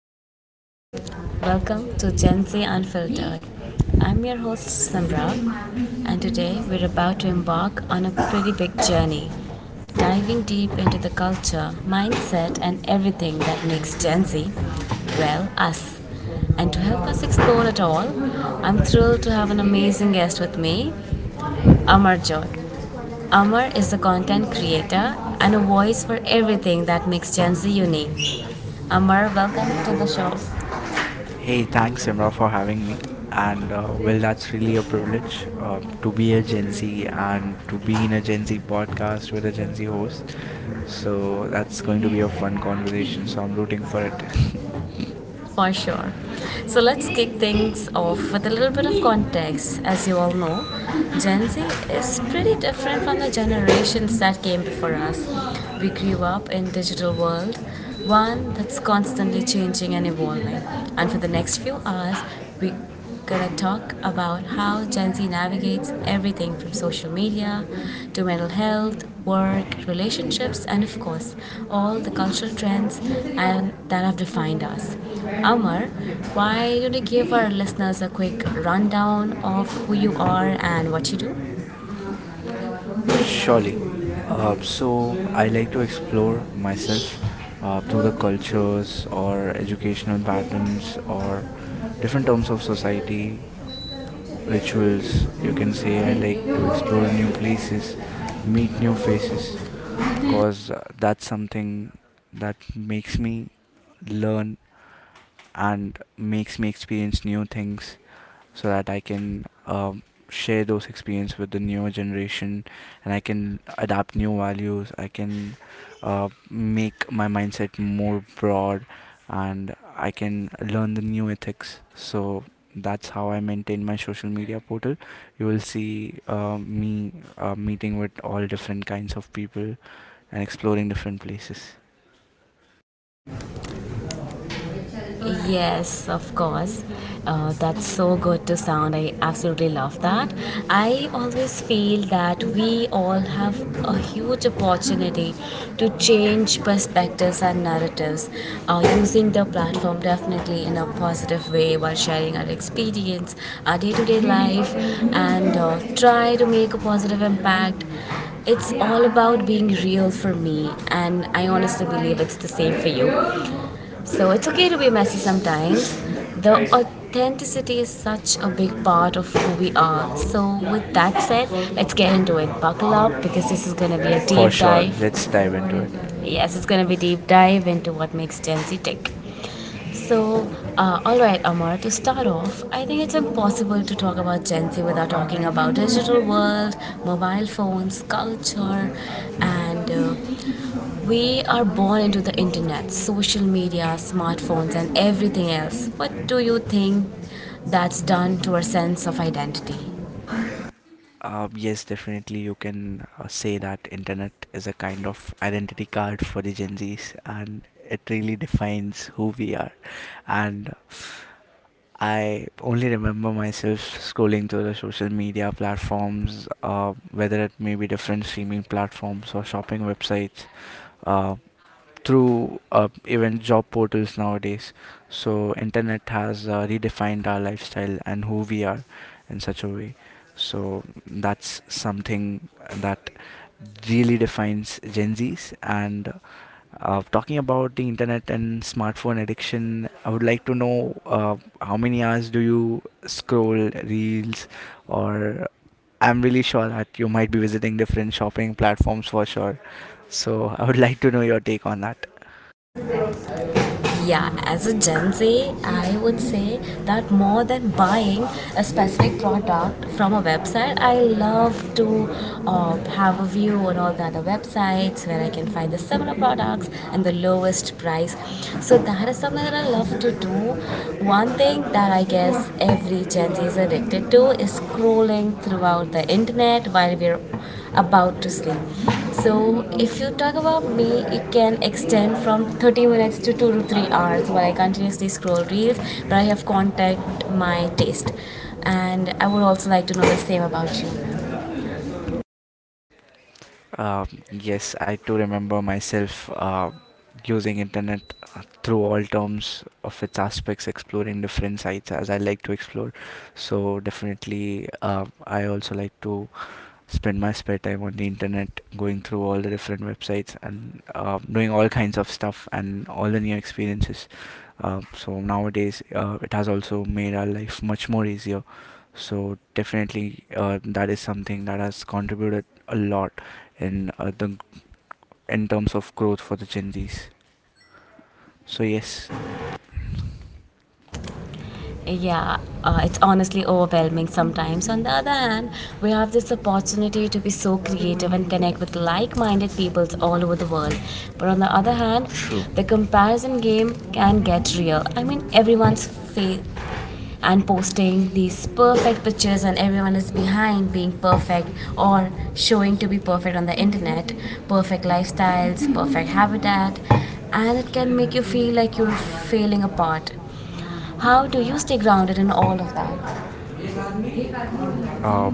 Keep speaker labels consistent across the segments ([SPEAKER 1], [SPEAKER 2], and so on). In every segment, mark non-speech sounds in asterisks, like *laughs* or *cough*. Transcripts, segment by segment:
[SPEAKER 1] Hey everyone, welcome to Gen Z Unfiltered. I'm your host Samra, and today we're about to embark on a pretty big journey, diving deep into the culture, mindset, and everything that makes Gen Z, well, us. And to help us explore it all, I'm thrilled to have an amazing guest with me, Amar John. Amar is a content creator and a voice for everything that makes Gen Z unique. Amar, welcome to the show.
[SPEAKER 2] Hey, thanks Simra for having me. And that's really a privilege to be a Gen Z and to be in a Gen Z podcast with a Gen Z host. So that's going to be a fun conversation. So I'm rooting for it.
[SPEAKER 1] For sure. So let's kick things off with a little bit of context. As you all know, Gen Z is pretty different from the generations that came before us. We grew up in digital world, one that's constantly changing and evolving. And for the next few hours, we gonna talk about how Gen Z navigates everything from social media to mental health, work, relationships, and of course, all the cultural trends and that have defined us. Amar, why don't you give our listeners a quick rundown of who you are and what you do?
[SPEAKER 2] *laughs* Surely. So I like to explore myself through the
[SPEAKER 1] Controls
[SPEAKER 2] cultures
[SPEAKER 1] or
[SPEAKER 2] or educational
[SPEAKER 1] educational
[SPEAKER 2] patterns or
[SPEAKER 1] different
[SPEAKER 2] different
[SPEAKER 1] forms
[SPEAKER 2] terms
[SPEAKER 1] of
[SPEAKER 2] of
[SPEAKER 1] society.
[SPEAKER 2] society rituals, you can say. I like to explore new places, meet new faces, cause that's something that makes me learn and makes me experience new things, so that I can share those experience with the newer generation, and I can adapt new values. I can make my mindset more broad, and I can learn the new ethics. So that's how I maintain my social media portal. You will see me meeting with all different kinds of people and exploring different places.
[SPEAKER 1] Yes, of course. That's so good to sound. I absolutely love that. I always feel that we all have a huge opportunity to change perspectives and narratives using the platform definitely in a positive way while sharing our experience, our day to day life, and try to make a positive impact. It's all about being real for me, and I honestly believe it's the same for you. So it's okay to be messy sometimes. The authenticity is such a big part of who we are. So, with that said, let's get into it. Buckle up because this is going to be a
[SPEAKER 2] For
[SPEAKER 1] deep
[SPEAKER 2] sure,
[SPEAKER 1] dive.
[SPEAKER 2] let's dive into it.
[SPEAKER 1] Yes, it's going to be deep dive into what makes Gen Z tick. So, all right, Amar, to start off, I think it's impossible to talk about Gen Z without talking about digital world, mobile phones, culture, and we are born into the internet, social media, smartphones, and everything else. What do you think that's done to our sense of identity?
[SPEAKER 2] Yes, definitely you can say that internet is a kind of identity card for the Gen Zs, and it really defines who we are. And I only remember myself scrolling through the social media platforms, whether it may be different streaming platforms or shopping websites, uh, through even job portals nowadays. So internet has redefined our lifestyle and who we are in such a way. So that's something that really defines Gen Zs. And talking about the internet and smartphone addiction, I would like to know how many hours do you scroll reels, or I'm really sure that you might be visiting different shopping platforms for sure. So I would like to know your take on that.
[SPEAKER 1] Yeah, as a Gen Z, I would say that more than buying a specific product from a website, I love to have a view on all the other websites where I can find the similar products and the lowest price. So that is something that I love to do. One thing that I guess of every Gen Z is addicted to is scrolling throughout the internet while we're about to sleep. So, if you talk about me, it can extend from 30 minutes to 2 to 3 hours where I continuously scroll reels, but I have contact my taste. And I would also like to know the same about you.
[SPEAKER 2] Um, yes, I too remember myself using internet through all terms of its aspects, exploring different sites as I like to explore. So definitely, I also like to spend my spare time on the internet, going through all the different websites and doing all kinds of stuff and all the new experiences. So nowadays, it has also made our life much more easier. So definitely, that is something that has contributed a lot in the in terms of growth for the Gen Zs. So yes.
[SPEAKER 1] Yeah, it's honestly overwhelming sometimes. On the other hand, we have this opportunity to be so creative and connect with like-minded peoples all over the world, but on the other hand, the comparison game can get real. I mean, everyone's face and posting these perfect pictures, and everyone is behind being perfect or showing to be perfect on the internet, perfect lifestyles, perfect habitat, and it can make you feel like you're failing apart. How do you stay grounded in all of that?
[SPEAKER 2] Um,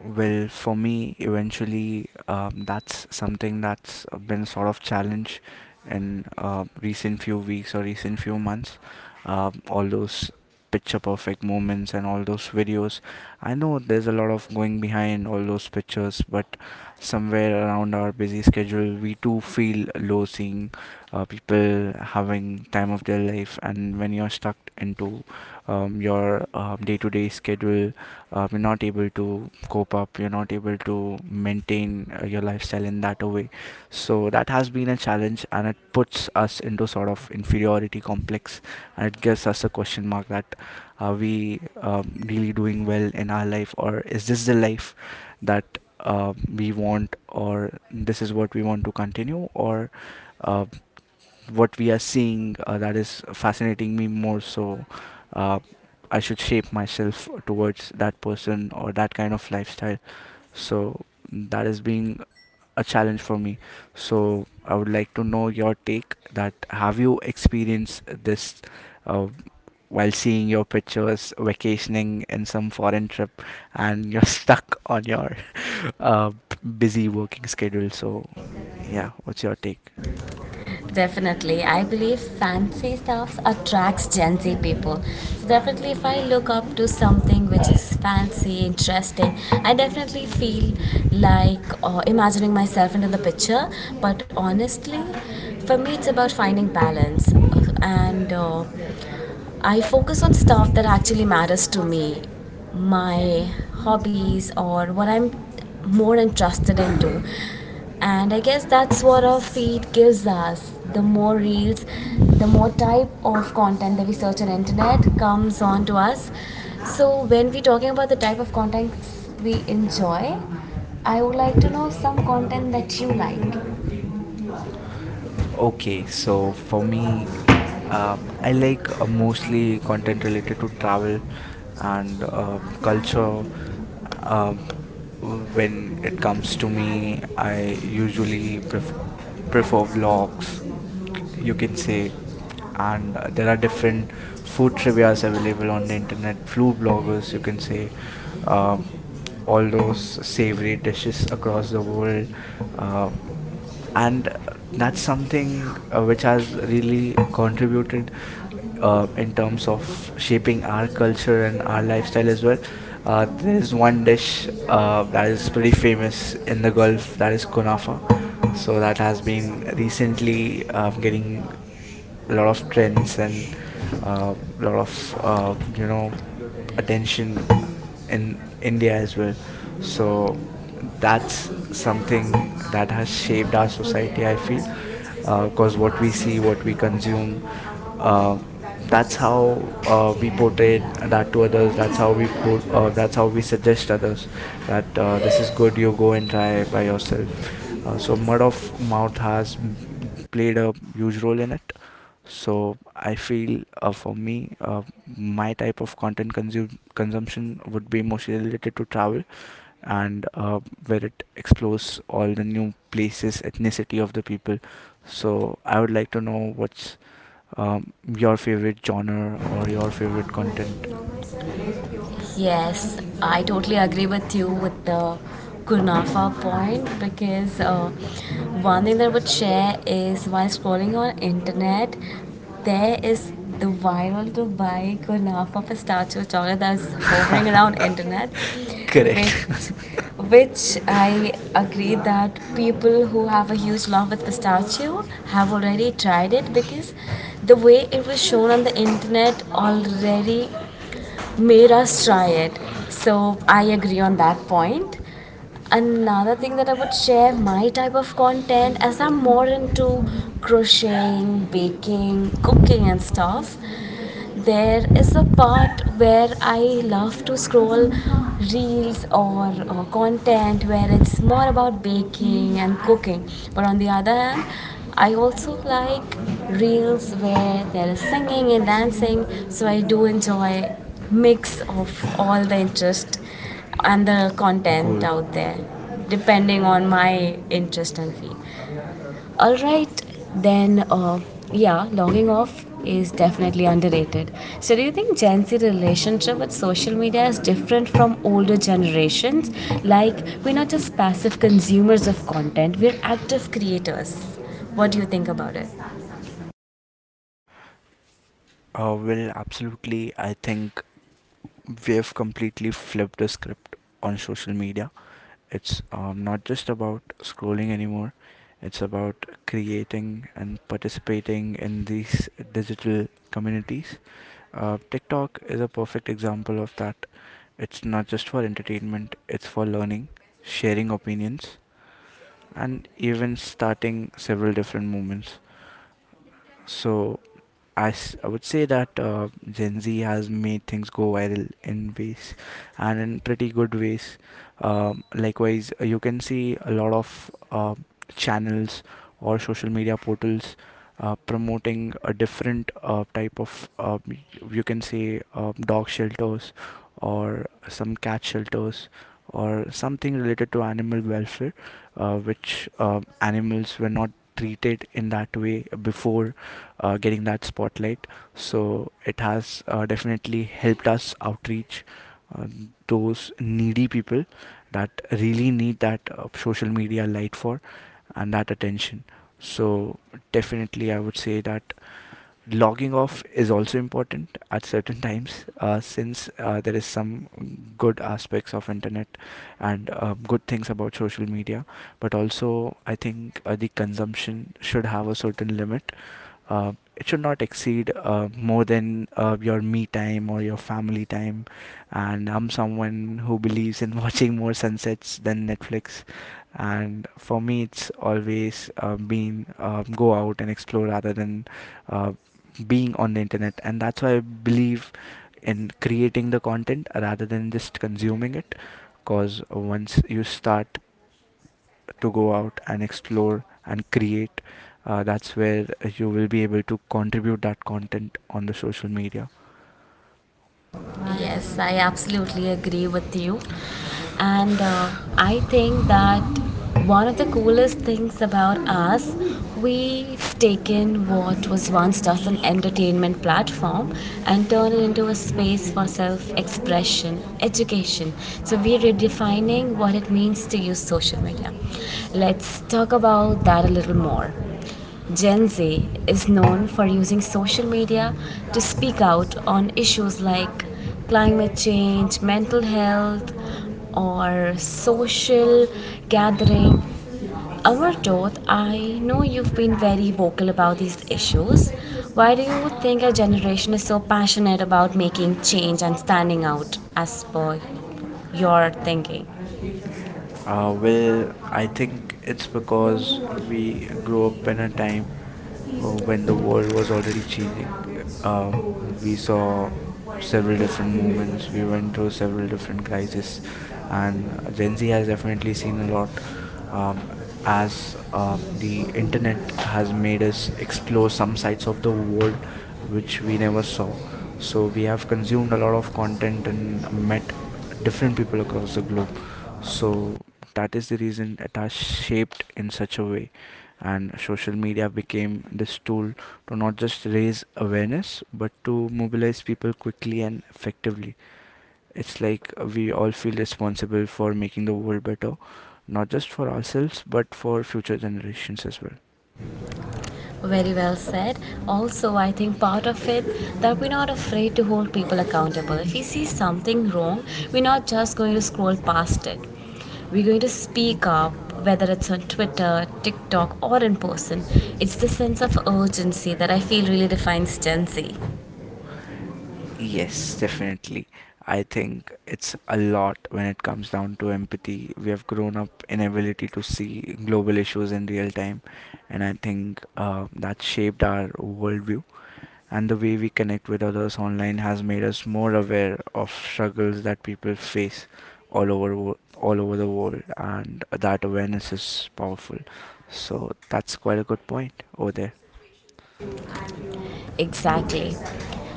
[SPEAKER 2] well, for me, eventually, that's something that's been sort of challenge in recent few weeks or recent few months. All those picture perfect moments and all those videos. I know there's a lot of going behind all those pictures, but somewhere around our busy schedule, we too feel low seeing people having time of their life. And when you're stuck into your day to day schedule, you're not able to cope up, you're not able to maintain your lifestyle in that way. So that has been a challenge, and it puts us into sort of inferiority complex, and it gives us a question mark that are we really doing well in our life, or is this the life that we want, or this is what we want to continue, or uh, what we are seeing, that is fascinating me more. So uh, I should shape myself towards that person or that kind of lifestyle. So that is being a challenge for me. So I would like to know your take, that have you experienced this uh, while seeing your pictures vacationing in some foreign trip and you're *laughs* stuck on your uh, busy working schedule. So yeah, what's your take?
[SPEAKER 1] Definitely. I believe fancy stuff attracts Gen Z people. So, definitely, if I look up to something which is fancy, interesting, I definitely feel like imagining myself into the picture. But honestly, for me, it's about finding balance. And I focus on stuff that actually matters to me, my hobbies or what I'm more interested into. And I guess that's what our feed gives us. The more reels, the more type of content that we search on internet comes on to us. So when we're talking about the type of content we enjoy, I would like to know some content that you like. Okay,
[SPEAKER 2] Okay,
[SPEAKER 1] so
[SPEAKER 2] so for
[SPEAKER 1] for me,
[SPEAKER 2] me,
[SPEAKER 1] I
[SPEAKER 2] I
[SPEAKER 1] like
[SPEAKER 2] like
[SPEAKER 1] mostly
[SPEAKER 2] mostly
[SPEAKER 1] content
[SPEAKER 2] content related
[SPEAKER 1] related
[SPEAKER 2] to
[SPEAKER 1] to
[SPEAKER 2] travel
[SPEAKER 1] travel and
[SPEAKER 2] and culture.
[SPEAKER 1] culture. Uh,
[SPEAKER 2] Um, when
[SPEAKER 1] when it
[SPEAKER 2] it
[SPEAKER 1] comes
[SPEAKER 2] comes
[SPEAKER 1] to
[SPEAKER 2] to
[SPEAKER 1] me,
[SPEAKER 2] me,
[SPEAKER 1] I
[SPEAKER 2] I usually
[SPEAKER 1] usually
[SPEAKER 2] prefer
[SPEAKER 1] prefer
[SPEAKER 2] vlogs,
[SPEAKER 1] vlogs,
[SPEAKER 2] you
[SPEAKER 1] you
[SPEAKER 2] can
[SPEAKER 1] can say,
[SPEAKER 2] say.
[SPEAKER 1] and
[SPEAKER 2] And
[SPEAKER 1] there
[SPEAKER 2] there are
[SPEAKER 1] are different
[SPEAKER 2] different
[SPEAKER 1] food
[SPEAKER 2] food
[SPEAKER 1] trivias
[SPEAKER 2] trivias
[SPEAKER 1] available
[SPEAKER 2] available
[SPEAKER 1] on the
[SPEAKER 2] on the
[SPEAKER 1] internet,
[SPEAKER 2] internet,
[SPEAKER 1] food
[SPEAKER 2] food
[SPEAKER 1] bloggers
[SPEAKER 2] bloggers, you
[SPEAKER 1] you
[SPEAKER 2] can
[SPEAKER 1] can see.
[SPEAKER 2] say, um,
[SPEAKER 1] Um, all
[SPEAKER 2] all those
[SPEAKER 1] those savory
[SPEAKER 2] savory
[SPEAKER 1] dishes
[SPEAKER 2] dishes
[SPEAKER 1] across
[SPEAKER 2] across
[SPEAKER 1] the
[SPEAKER 2] the
[SPEAKER 1] world.
[SPEAKER 2] world. Um,
[SPEAKER 1] And
[SPEAKER 2] and that's
[SPEAKER 1] that's something
[SPEAKER 2] something which
[SPEAKER 1] which has
[SPEAKER 2] has
[SPEAKER 1] really
[SPEAKER 2] really
[SPEAKER 1] contributed
[SPEAKER 2] contributed in
[SPEAKER 1] in terms
[SPEAKER 2] terms
[SPEAKER 1] of
[SPEAKER 2] of shaping
[SPEAKER 1] shaping our
[SPEAKER 2] our
[SPEAKER 1] culture
[SPEAKER 2] culture and
[SPEAKER 1] and our
[SPEAKER 2] our
[SPEAKER 1] lifestyle
[SPEAKER 2] lifestyle
[SPEAKER 1] as
[SPEAKER 2] as
[SPEAKER 1] well.
[SPEAKER 2] well. There
[SPEAKER 1] There's
[SPEAKER 2] is
[SPEAKER 1] one
[SPEAKER 2] one
[SPEAKER 1] dish
[SPEAKER 2] dish that
[SPEAKER 1] that is
[SPEAKER 2] is pretty
[SPEAKER 1] pretty famous
[SPEAKER 2] famous
[SPEAKER 1] in
[SPEAKER 2] in
[SPEAKER 1] the
[SPEAKER 2] the
[SPEAKER 1] Gulf
[SPEAKER 2] Gulf,
[SPEAKER 1] that
[SPEAKER 2] that
[SPEAKER 1] is
[SPEAKER 2] is kunafa.
[SPEAKER 1] kunafa. So
[SPEAKER 2] So
[SPEAKER 1] that
[SPEAKER 2] that has
[SPEAKER 1] has
[SPEAKER 2] been
[SPEAKER 1] been
[SPEAKER 2] recently
[SPEAKER 1] recently getting
[SPEAKER 2] getting a lot
[SPEAKER 1] lots
[SPEAKER 2] of
[SPEAKER 1] of
[SPEAKER 2] trends
[SPEAKER 1] things
[SPEAKER 2] and
[SPEAKER 1] and
[SPEAKER 2] a lot
[SPEAKER 1] lot of
[SPEAKER 2] of you
[SPEAKER 1] you
[SPEAKER 2] know
[SPEAKER 1] know
[SPEAKER 2] attention
[SPEAKER 1] attention in
[SPEAKER 2] in India
[SPEAKER 1] India
[SPEAKER 2] as
[SPEAKER 1] as well.
[SPEAKER 2] well.
[SPEAKER 1] So
[SPEAKER 2] So
[SPEAKER 1] that's
[SPEAKER 2] that's
[SPEAKER 1] something
[SPEAKER 2] something that
[SPEAKER 1] that
[SPEAKER 2] has shaped
[SPEAKER 1] shaped
[SPEAKER 2] our
[SPEAKER 1] our society.
[SPEAKER 2] society,
[SPEAKER 1] I
[SPEAKER 2] I feel.
[SPEAKER 1] think goes
[SPEAKER 2] Because what
[SPEAKER 1] what we
[SPEAKER 2] we
[SPEAKER 1] see
[SPEAKER 2] see, what
[SPEAKER 1] with
[SPEAKER 2] we
[SPEAKER 1] people generally.
[SPEAKER 2] consume,
[SPEAKER 1] Uh,
[SPEAKER 2] uh, that's
[SPEAKER 1] that's how
[SPEAKER 2] how we
[SPEAKER 1] we portray
[SPEAKER 2] portray
[SPEAKER 1] that
[SPEAKER 2] that to
[SPEAKER 1] to our,
[SPEAKER 2] others. That's
[SPEAKER 1] that's
[SPEAKER 2] how
[SPEAKER 1] how we
[SPEAKER 2] we
[SPEAKER 1] fight
[SPEAKER 2] put.
[SPEAKER 1] for it, that's
[SPEAKER 2] That's
[SPEAKER 1] how
[SPEAKER 2] how
[SPEAKER 1] we
[SPEAKER 2] we
[SPEAKER 1] suggest
[SPEAKER 2] suggest
[SPEAKER 1] others
[SPEAKER 2] others that
[SPEAKER 1] that
[SPEAKER 2] this
[SPEAKER 1] this
[SPEAKER 2] is
[SPEAKER 1] is
[SPEAKER 2] good.
[SPEAKER 1] good, you
[SPEAKER 2] You
[SPEAKER 1] go
[SPEAKER 2] go and
[SPEAKER 1] and try it
[SPEAKER 2] try by
[SPEAKER 1] for
[SPEAKER 2] yourself.
[SPEAKER 1] yourself.
[SPEAKER 2] So
[SPEAKER 1] So
[SPEAKER 2] mud
[SPEAKER 1] word
[SPEAKER 2] of
[SPEAKER 1] of
[SPEAKER 2] mouth
[SPEAKER 1] mouth
[SPEAKER 2] has
[SPEAKER 1] has.
[SPEAKER 2] played a huge role in it. So I feel for me, my type of content consumption would be mostly related to travel and where it explores all the new places, ethnicity of the people. So I would like to know what's your favorite genre or your favorite content.
[SPEAKER 1] Yes, I totally agree with you with the Kunafa point because one thing that I would share is while scrolling on internet, there is the viral to buy Kunafa pistachio chocolate that's hovering
[SPEAKER 2] *laughs*
[SPEAKER 1] around internet, which
[SPEAKER 2] Correct.
[SPEAKER 1] I agree that people who have a huge love with pistachio have already tried it because the way it was shown on the internet already made us try it. So I agree on that point. Another thing that I would share my type of content as I'm more into crocheting, baking, cooking, and stuff. There is a part where I love to scroll reels or content where it's more about baking and cooking, but on the other hand, I also like reels where there is singing and dancing, so I do enjoy mix of all the interest and the
[SPEAKER 2] *laughs*
[SPEAKER 1] content
[SPEAKER 2] Cool.
[SPEAKER 1] out there depending on my interest and feed. All right, then, yeah, logging off is definitely underrated. So, do you think Gen Z relationship with social media is different from older generations? Like, we're not just passive consumers of content; we're active creators. What do you think about it?
[SPEAKER 2] Well, absolutely. I think we have completely flipped the script on social media. It's not just about scrolling anymore, it's about creating and participating in these digital communities. TikTok is a perfect example of that. It's not just for entertainment, it's for learning, sharing opinions, and even starting several different movements. So, I would say that Gen Z has made things go viral in ways and in pretty good ways. Likewise, you can see a lot of channels or social media portals promoting a different type of, you can say, dog shelters or some cat shelters or something related to animal welfare, which animals were not treated in that way before getting that spotlight. So it has definitely helped us outreach uh, those needy people that really need that social media light for and that attention. So definitely, I would say that logging off is also important at certain times, since there is some good aspects of internet and good things about social media, but also I think the consumption should have a certain limit. It should not exceed more than your me time or your family time. And I'm someone who believes in *laughs* watching more sunsets than Netflix. And for me, it's always been go out and explore rather than uh, being on the internet. And that's why I believe in creating the content rather than just consuming it. Because once you start to go out and explore and create. That's where you will be able to contribute that content on the social media.
[SPEAKER 1] Yes, I absolutely agree with you. And I think that one of the coolest things about us, we've taken what was once just an entertainment platform and turned it into a space for self expression, education. So we're redefining what it means to use social media. Let's talk about that a little more. Gen Z is known for using social media to speak out on issues like climate change, mental health, or social gathering. Amarjot, I know you've been very vocal about these issues. Why do you think our generation is so passionate about making change and standing out as per your thinking?
[SPEAKER 2] Uh, well, I
[SPEAKER 1] I think
[SPEAKER 2] think it's
[SPEAKER 1] it's because we
[SPEAKER 2] because we grew up
[SPEAKER 1] remove
[SPEAKER 2] in a
[SPEAKER 1] anytime.
[SPEAKER 2] time
[SPEAKER 1] So, several
[SPEAKER 2] when the world
[SPEAKER 1] different
[SPEAKER 2] was already changing.
[SPEAKER 1] things,
[SPEAKER 2] Uh,
[SPEAKER 1] we went
[SPEAKER 2] we
[SPEAKER 1] through
[SPEAKER 2] saw several different movements, we
[SPEAKER 1] several
[SPEAKER 2] went through several different
[SPEAKER 1] different
[SPEAKER 2] crises,
[SPEAKER 1] crises.
[SPEAKER 2] and
[SPEAKER 1] And
[SPEAKER 2] Gen
[SPEAKER 1] Gen
[SPEAKER 2] Z
[SPEAKER 1] Z
[SPEAKER 2] has
[SPEAKER 1] has
[SPEAKER 2] definitely
[SPEAKER 1] definitely seen
[SPEAKER 2] seen a
[SPEAKER 1] what,
[SPEAKER 2] lot, um,
[SPEAKER 1] um,
[SPEAKER 2] as
[SPEAKER 1] as
[SPEAKER 2] the
[SPEAKER 1] the
[SPEAKER 2] internet
[SPEAKER 1] internet
[SPEAKER 2] has
[SPEAKER 1] has made
[SPEAKER 2] made
[SPEAKER 1] us
[SPEAKER 2] us explore
[SPEAKER 1] explore
[SPEAKER 2] some
[SPEAKER 1] some
[SPEAKER 2] sides
[SPEAKER 1] sides
[SPEAKER 2] of
[SPEAKER 1] of the
[SPEAKER 2] the
[SPEAKER 1] world
[SPEAKER 2] world
[SPEAKER 1] which
[SPEAKER 2] which
[SPEAKER 1] we
[SPEAKER 2] we
[SPEAKER 1] never
[SPEAKER 2] never
[SPEAKER 1] saw.
[SPEAKER 2] saw.
[SPEAKER 1] So
[SPEAKER 2] So, we
[SPEAKER 1] we have
[SPEAKER 2] have
[SPEAKER 1] consumed
[SPEAKER 2] consumed
[SPEAKER 1] a
[SPEAKER 2] a lot
[SPEAKER 1] lot of
[SPEAKER 2] of
[SPEAKER 1] content
[SPEAKER 2] content and
[SPEAKER 1] and we met
[SPEAKER 2] met different
[SPEAKER 1] different
[SPEAKER 2] people across the globe.
[SPEAKER 1] people. So.
[SPEAKER 2] So, that is the reason it has shaped in such a way, and social media became this tool to not just raise awareness but to mobilize people quickly and effectively. It's like we all feel responsible for making the world better, not just for ourselves but for future generations as well.
[SPEAKER 1] Very well said. Also, I think part of it that we're not afraid to hold people accountable. If we see something wrong, we're not just going to scroll past it. We're going to speak up, whether it's on Twitter, TikTok, or in person. It's the sense of urgency that I feel really defines Gen Z.
[SPEAKER 2] Yes, definitely. I think it's a lot when it comes down to empathy. We have grown up in ability to see global issues in real time, and I think that shaped our worldview, and the way we connect with others online has made us more aware of struggles that people face all over all over the world, and that awareness is powerful. So that's quite a good point over there.
[SPEAKER 1] Exactly.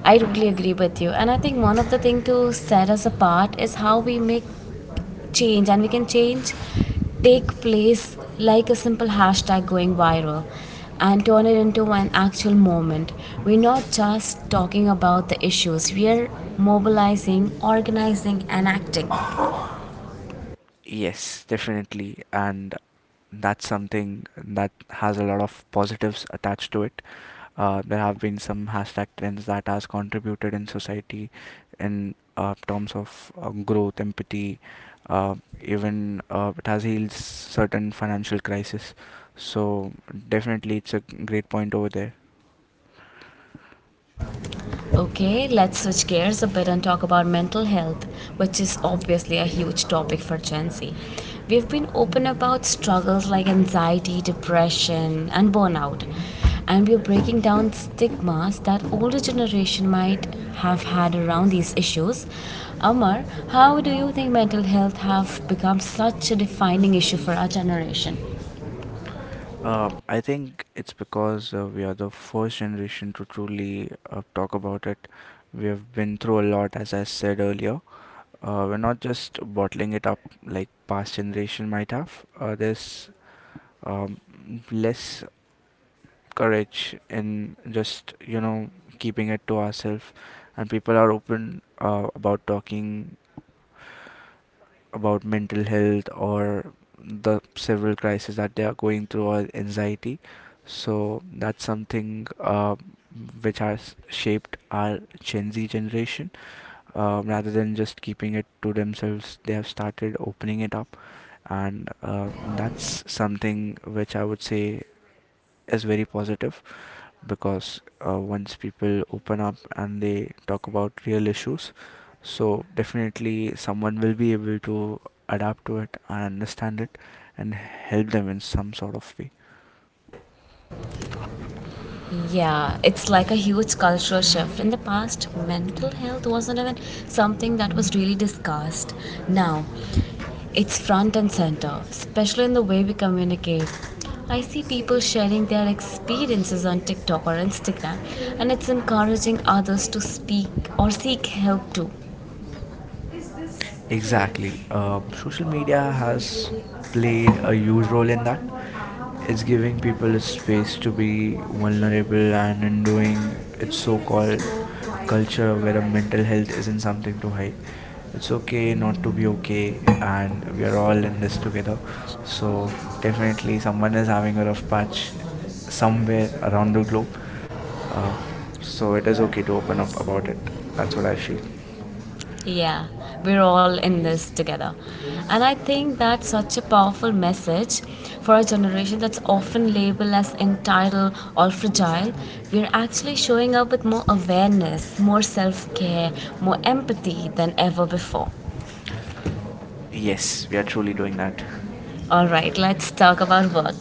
[SPEAKER 1] I totally agree with you. And I think one of the thing to set us apart is how we make change and we can change take place like a simple hashtag going viral and turn it into an actual moment. We're not just talking about the issues, we are mobilizing, organizing and acting.
[SPEAKER 2] Yes, definitely. And that's something that has a lot of positives attached to it. There have been some hashtag trends that has contributed in society in terms of growth, empathy, uh, even it has healed certain financial crisis. So definitely it's a great point over there.
[SPEAKER 1] Okay, let's switch gears a bit and talk about mental health, which is obviously a huge topic for Gen Z. We've been open about struggles like anxiety, depression, and burnout, and we're breaking down stigmas that older generation might have had around these issues. Amar, how do you think mental health have become such a defining issue for our generation?
[SPEAKER 2] I think it's because we are the first generation to truly talk about it. We have been through a lot, as I said earlier. We're not just bottling it up like past generation might have. There's um, less courage in just you know keeping it to ourselves, and people are open about talking about mental health or the several crises that they are going through or anxiety. So that's something which has shaped our Gen Z generation, rather than just keeping it to themselves, they have started opening it up, and that's something which I would say is very positive. Because once people open up and they talk about real issues, so definitely someone will be able to adapt to it and understand it and help them in some sort of way.
[SPEAKER 1] Yeah, it's like a huge cultural shift. In the past, mental health wasn't even something that was really discussed. Now, it's front and center, especially in the way we communicate. I see people sharing their experiences on TikTok or Instagram, and it's encouraging others to speak or seek help too. It's okay
[SPEAKER 2] Exactly.
[SPEAKER 1] not to
[SPEAKER 2] Social media
[SPEAKER 1] be
[SPEAKER 2] has played a huge role in that. It's giving people a space to be vulnerable and in doing its so called culture where a mental health isn't something to hide. It's
[SPEAKER 1] okay,
[SPEAKER 2] okay not to be
[SPEAKER 1] and
[SPEAKER 2] okay, and we are all in
[SPEAKER 1] okay,
[SPEAKER 2] this together.
[SPEAKER 1] so
[SPEAKER 2] So,
[SPEAKER 1] it's
[SPEAKER 2] definitely,
[SPEAKER 1] definitely someone
[SPEAKER 2] someone is
[SPEAKER 1] is
[SPEAKER 2] having
[SPEAKER 1] having
[SPEAKER 2] a
[SPEAKER 1] a
[SPEAKER 2] rough
[SPEAKER 1] rough patch
[SPEAKER 2] patch somewhere
[SPEAKER 1] somewhere
[SPEAKER 2] around
[SPEAKER 1] around
[SPEAKER 2] the
[SPEAKER 1] the globe.
[SPEAKER 2] globe. Um,
[SPEAKER 1] So
[SPEAKER 2] so,
[SPEAKER 1] it
[SPEAKER 2] it is
[SPEAKER 1] doesn't get
[SPEAKER 2] okay to open up about it. That's
[SPEAKER 1] overwhelming.
[SPEAKER 2] what I feel.
[SPEAKER 1] Yeah, we're all in this together. And I think that's such a powerful message for a generation that's often labeled as entitled or fragile. We're actually showing up with more awareness, more self care, more empathy than ever before.
[SPEAKER 2] Yes,
[SPEAKER 1] Yes.
[SPEAKER 2] we are truly doing that.
[SPEAKER 1] All right, let's talk about work.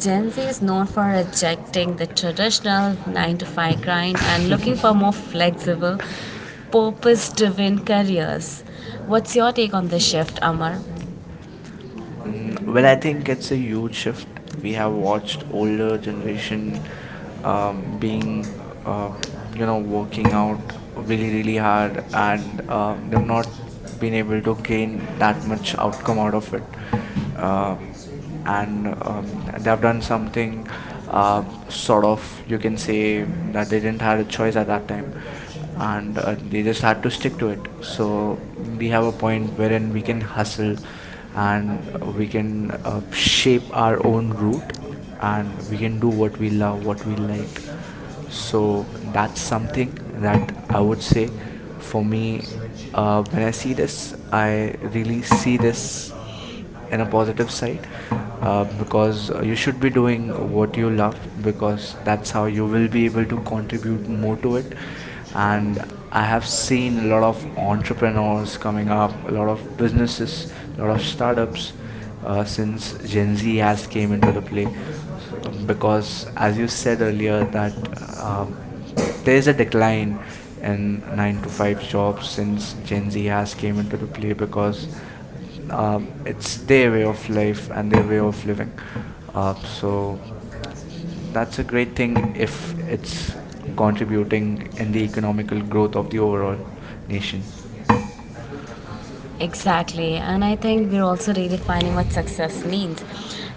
[SPEAKER 1] Gen Z is known for rejecting the traditional 9 to 5 grind and looking for more flexible, purpose driven careers. What's your take on this shift, Amar?
[SPEAKER 2] Mm,
[SPEAKER 1] But
[SPEAKER 2] well, I
[SPEAKER 1] I
[SPEAKER 2] think
[SPEAKER 1] think
[SPEAKER 2] it's
[SPEAKER 1] it's
[SPEAKER 2] a
[SPEAKER 1] a
[SPEAKER 2] huge
[SPEAKER 1] good show.
[SPEAKER 2] shift. We
[SPEAKER 1] We
[SPEAKER 2] have
[SPEAKER 1] have watched
[SPEAKER 2] watched
[SPEAKER 1] the real
[SPEAKER 2] older
[SPEAKER 1] information.
[SPEAKER 2] generation
[SPEAKER 1] Um, we uh,
[SPEAKER 2] being uh,
[SPEAKER 1] and
[SPEAKER 2] you
[SPEAKER 1] we
[SPEAKER 2] know
[SPEAKER 1] are
[SPEAKER 2] working
[SPEAKER 1] working
[SPEAKER 2] out
[SPEAKER 1] out really,
[SPEAKER 2] really really
[SPEAKER 1] really hard
[SPEAKER 2] hard and
[SPEAKER 1] and
[SPEAKER 2] they've
[SPEAKER 1] we've
[SPEAKER 2] not
[SPEAKER 1] not
[SPEAKER 2] been
[SPEAKER 1] been
[SPEAKER 2] able
[SPEAKER 1] able
[SPEAKER 2] to
[SPEAKER 1] to gain
[SPEAKER 2] gain that
[SPEAKER 1] that
[SPEAKER 2] much
[SPEAKER 1] much
[SPEAKER 2] outcome
[SPEAKER 1] outcome
[SPEAKER 2] out
[SPEAKER 1] out
[SPEAKER 2] of
[SPEAKER 1] of
[SPEAKER 2] it
[SPEAKER 1] it.
[SPEAKER 2] uh,
[SPEAKER 1] Uh,
[SPEAKER 2] and
[SPEAKER 1] and So
[SPEAKER 2] they've
[SPEAKER 1] I've
[SPEAKER 2] done
[SPEAKER 1] done something
[SPEAKER 2] something uh,
[SPEAKER 1] uh,
[SPEAKER 2] sort
[SPEAKER 1] sort of,
[SPEAKER 2] of you
[SPEAKER 1] you
[SPEAKER 2] can
[SPEAKER 1] can say,
[SPEAKER 2] say
[SPEAKER 1] that
[SPEAKER 2] that
[SPEAKER 1] they
[SPEAKER 2] they
[SPEAKER 1] didn't
[SPEAKER 2] didn't have
[SPEAKER 1] have
[SPEAKER 2] a
[SPEAKER 1] a choice
[SPEAKER 2] choice at
[SPEAKER 1] at
[SPEAKER 2] that
[SPEAKER 1] that
[SPEAKER 2] time
[SPEAKER 1] point.
[SPEAKER 2] and
[SPEAKER 1] And
[SPEAKER 2] they
[SPEAKER 1] They
[SPEAKER 2] just
[SPEAKER 1] just
[SPEAKER 2] had
[SPEAKER 1] had
[SPEAKER 2] to
[SPEAKER 1] to
[SPEAKER 2] stick
[SPEAKER 1] stick
[SPEAKER 2] to
[SPEAKER 1] to
[SPEAKER 2] it,
[SPEAKER 1] it. So
[SPEAKER 2] so
[SPEAKER 1] we
[SPEAKER 2] we have
[SPEAKER 1] have
[SPEAKER 2] a
[SPEAKER 1] a point
[SPEAKER 2] point wherein
[SPEAKER 1] wherein
[SPEAKER 2] we
[SPEAKER 1] we
[SPEAKER 2] can
[SPEAKER 1] can hustle
[SPEAKER 2] hustle
[SPEAKER 1] and
[SPEAKER 2] and we
[SPEAKER 1] we
[SPEAKER 2] can
[SPEAKER 1] can sort of
[SPEAKER 2] shape
[SPEAKER 1] shape
[SPEAKER 2] our
[SPEAKER 1] our
[SPEAKER 2] own
[SPEAKER 1] own
[SPEAKER 2] route,
[SPEAKER 1] life,
[SPEAKER 2] and
[SPEAKER 1] and so
[SPEAKER 2] we
[SPEAKER 1] we
[SPEAKER 2] can do
[SPEAKER 1] can do what
[SPEAKER 2] what we
[SPEAKER 1] we love,
[SPEAKER 2] love what we
[SPEAKER 1] what we
[SPEAKER 2] like.
[SPEAKER 1] love. So
[SPEAKER 2] So that's
[SPEAKER 1] that's something
[SPEAKER 2] something that
[SPEAKER 1] that
[SPEAKER 2] I
[SPEAKER 1] I
[SPEAKER 2] would
[SPEAKER 1] would say
[SPEAKER 2] say
[SPEAKER 1] for
[SPEAKER 2] for
[SPEAKER 1] me,
[SPEAKER 2] me.
[SPEAKER 1] which,
[SPEAKER 2] When
[SPEAKER 1] when
[SPEAKER 2] I
[SPEAKER 1] I
[SPEAKER 2] see
[SPEAKER 1] see
[SPEAKER 2] this,
[SPEAKER 1] this,
[SPEAKER 2] I
[SPEAKER 1] I
[SPEAKER 2] really
[SPEAKER 1] really
[SPEAKER 2] see
[SPEAKER 1] see this
[SPEAKER 2] this in
[SPEAKER 1] in
[SPEAKER 2] a
[SPEAKER 1] a
[SPEAKER 2] positive
[SPEAKER 1] politics.
[SPEAKER 2] side uh, because
[SPEAKER 1] Because
[SPEAKER 2] uh, you
[SPEAKER 1] you
[SPEAKER 2] should
[SPEAKER 1] should
[SPEAKER 2] be
[SPEAKER 1] be doing
[SPEAKER 2] doing what
[SPEAKER 1] what
[SPEAKER 2] you
[SPEAKER 1] you love,
[SPEAKER 2] love because
[SPEAKER 1] because
[SPEAKER 2] that's
[SPEAKER 1] that's
[SPEAKER 2] how
[SPEAKER 1] how
[SPEAKER 2] you
[SPEAKER 1] you will
[SPEAKER 2] will be
[SPEAKER 1] be able
[SPEAKER 2] able to
[SPEAKER 1] to contribute
[SPEAKER 2] contribute
[SPEAKER 1] to
[SPEAKER 2] more
[SPEAKER 1] make
[SPEAKER 2] to
[SPEAKER 1] it.
[SPEAKER 2] it. And
[SPEAKER 1] And
[SPEAKER 2] I
[SPEAKER 1] I
[SPEAKER 2] have
[SPEAKER 1] have seen
[SPEAKER 2] seen a
[SPEAKER 1] a
[SPEAKER 2] lot
[SPEAKER 1] lot
[SPEAKER 2] of
[SPEAKER 1] of
[SPEAKER 2] entrepreneurs
[SPEAKER 1] entrepreneurs coming
[SPEAKER 2] coming
[SPEAKER 1] out,
[SPEAKER 2] up, a
[SPEAKER 1] a
[SPEAKER 2] lot
[SPEAKER 1] lot
[SPEAKER 2] of
[SPEAKER 1] of
[SPEAKER 2] businesses,
[SPEAKER 1] businesses,
[SPEAKER 2] a
[SPEAKER 1] a
[SPEAKER 2] lot
[SPEAKER 1] lot
[SPEAKER 2] of
[SPEAKER 1] of startups
[SPEAKER 2] startups since
[SPEAKER 1] since Gen
[SPEAKER 2] Gen Z
[SPEAKER 1] Z
[SPEAKER 2] has
[SPEAKER 1] has
[SPEAKER 2] came
[SPEAKER 1] came
[SPEAKER 2] into the
[SPEAKER 1] in,
[SPEAKER 2] play, because
[SPEAKER 1] because
[SPEAKER 2] as
[SPEAKER 1] as
[SPEAKER 2] you
[SPEAKER 1] you
[SPEAKER 2] said
[SPEAKER 1] said earlier,
[SPEAKER 2] earlier that
[SPEAKER 1] that,
[SPEAKER 2] um, there
[SPEAKER 1] there
[SPEAKER 2] is
[SPEAKER 1] is
[SPEAKER 2] a
[SPEAKER 1] a
[SPEAKER 2] decline
[SPEAKER 1] decline in
[SPEAKER 2] in 9
[SPEAKER 1] nine
[SPEAKER 2] to
[SPEAKER 1] to
[SPEAKER 2] 5
[SPEAKER 1] five
[SPEAKER 2] jobs
[SPEAKER 1] jobs
[SPEAKER 2] since
[SPEAKER 1] since
[SPEAKER 2] Gen
[SPEAKER 1] Gen
[SPEAKER 2] Z
[SPEAKER 1] Z has
[SPEAKER 2] has
[SPEAKER 1] came
[SPEAKER 2] came into the play
[SPEAKER 1] in,
[SPEAKER 2] because
[SPEAKER 1] because
[SPEAKER 2] uh, it's
[SPEAKER 1] it's
[SPEAKER 2] their
[SPEAKER 1] their
[SPEAKER 2] way
[SPEAKER 1] way
[SPEAKER 2] of
[SPEAKER 1] of
[SPEAKER 2] life
[SPEAKER 1] life
[SPEAKER 2] and
[SPEAKER 1] and
[SPEAKER 2] their way
[SPEAKER 1] their way.
[SPEAKER 2] of living. uh,
[SPEAKER 1] Uh, so
[SPEAKER 2] so that's
[SPEAKER 1] that's
[SPEAKER 2] a
[SPEAKER 1] a great
[SPEAKER 2] great
[SPEAKER 1] thing
[SPEAKER 2] thing
[SPEAKER 1] if
[SPEAKER 2] if
[SPEAKER 1] it's
[SPEAKER 2] it's
[SPEAKER 1] contributing
[SPEAKER 2] contributing
[SPEAKER 1] to
[SPEAKER 2] in the
[SPEAKER 1] the
[SPEAKER 2] economical
[SPEAKER 1] economic
[SPEAKER 2] growth
[SPEAKER 1] growth
[SPEAKER 2] of
[SPEAKER 1] of
[SPEAKER 2] the
[SPEAKER 1] the
[SPEAKER 2] overall
[SPEAKER 1] overall nation.
[SPEAKER 2] nation.
[SPEAKER 1] So yes. Exactly, and I think we're also redefining what success means.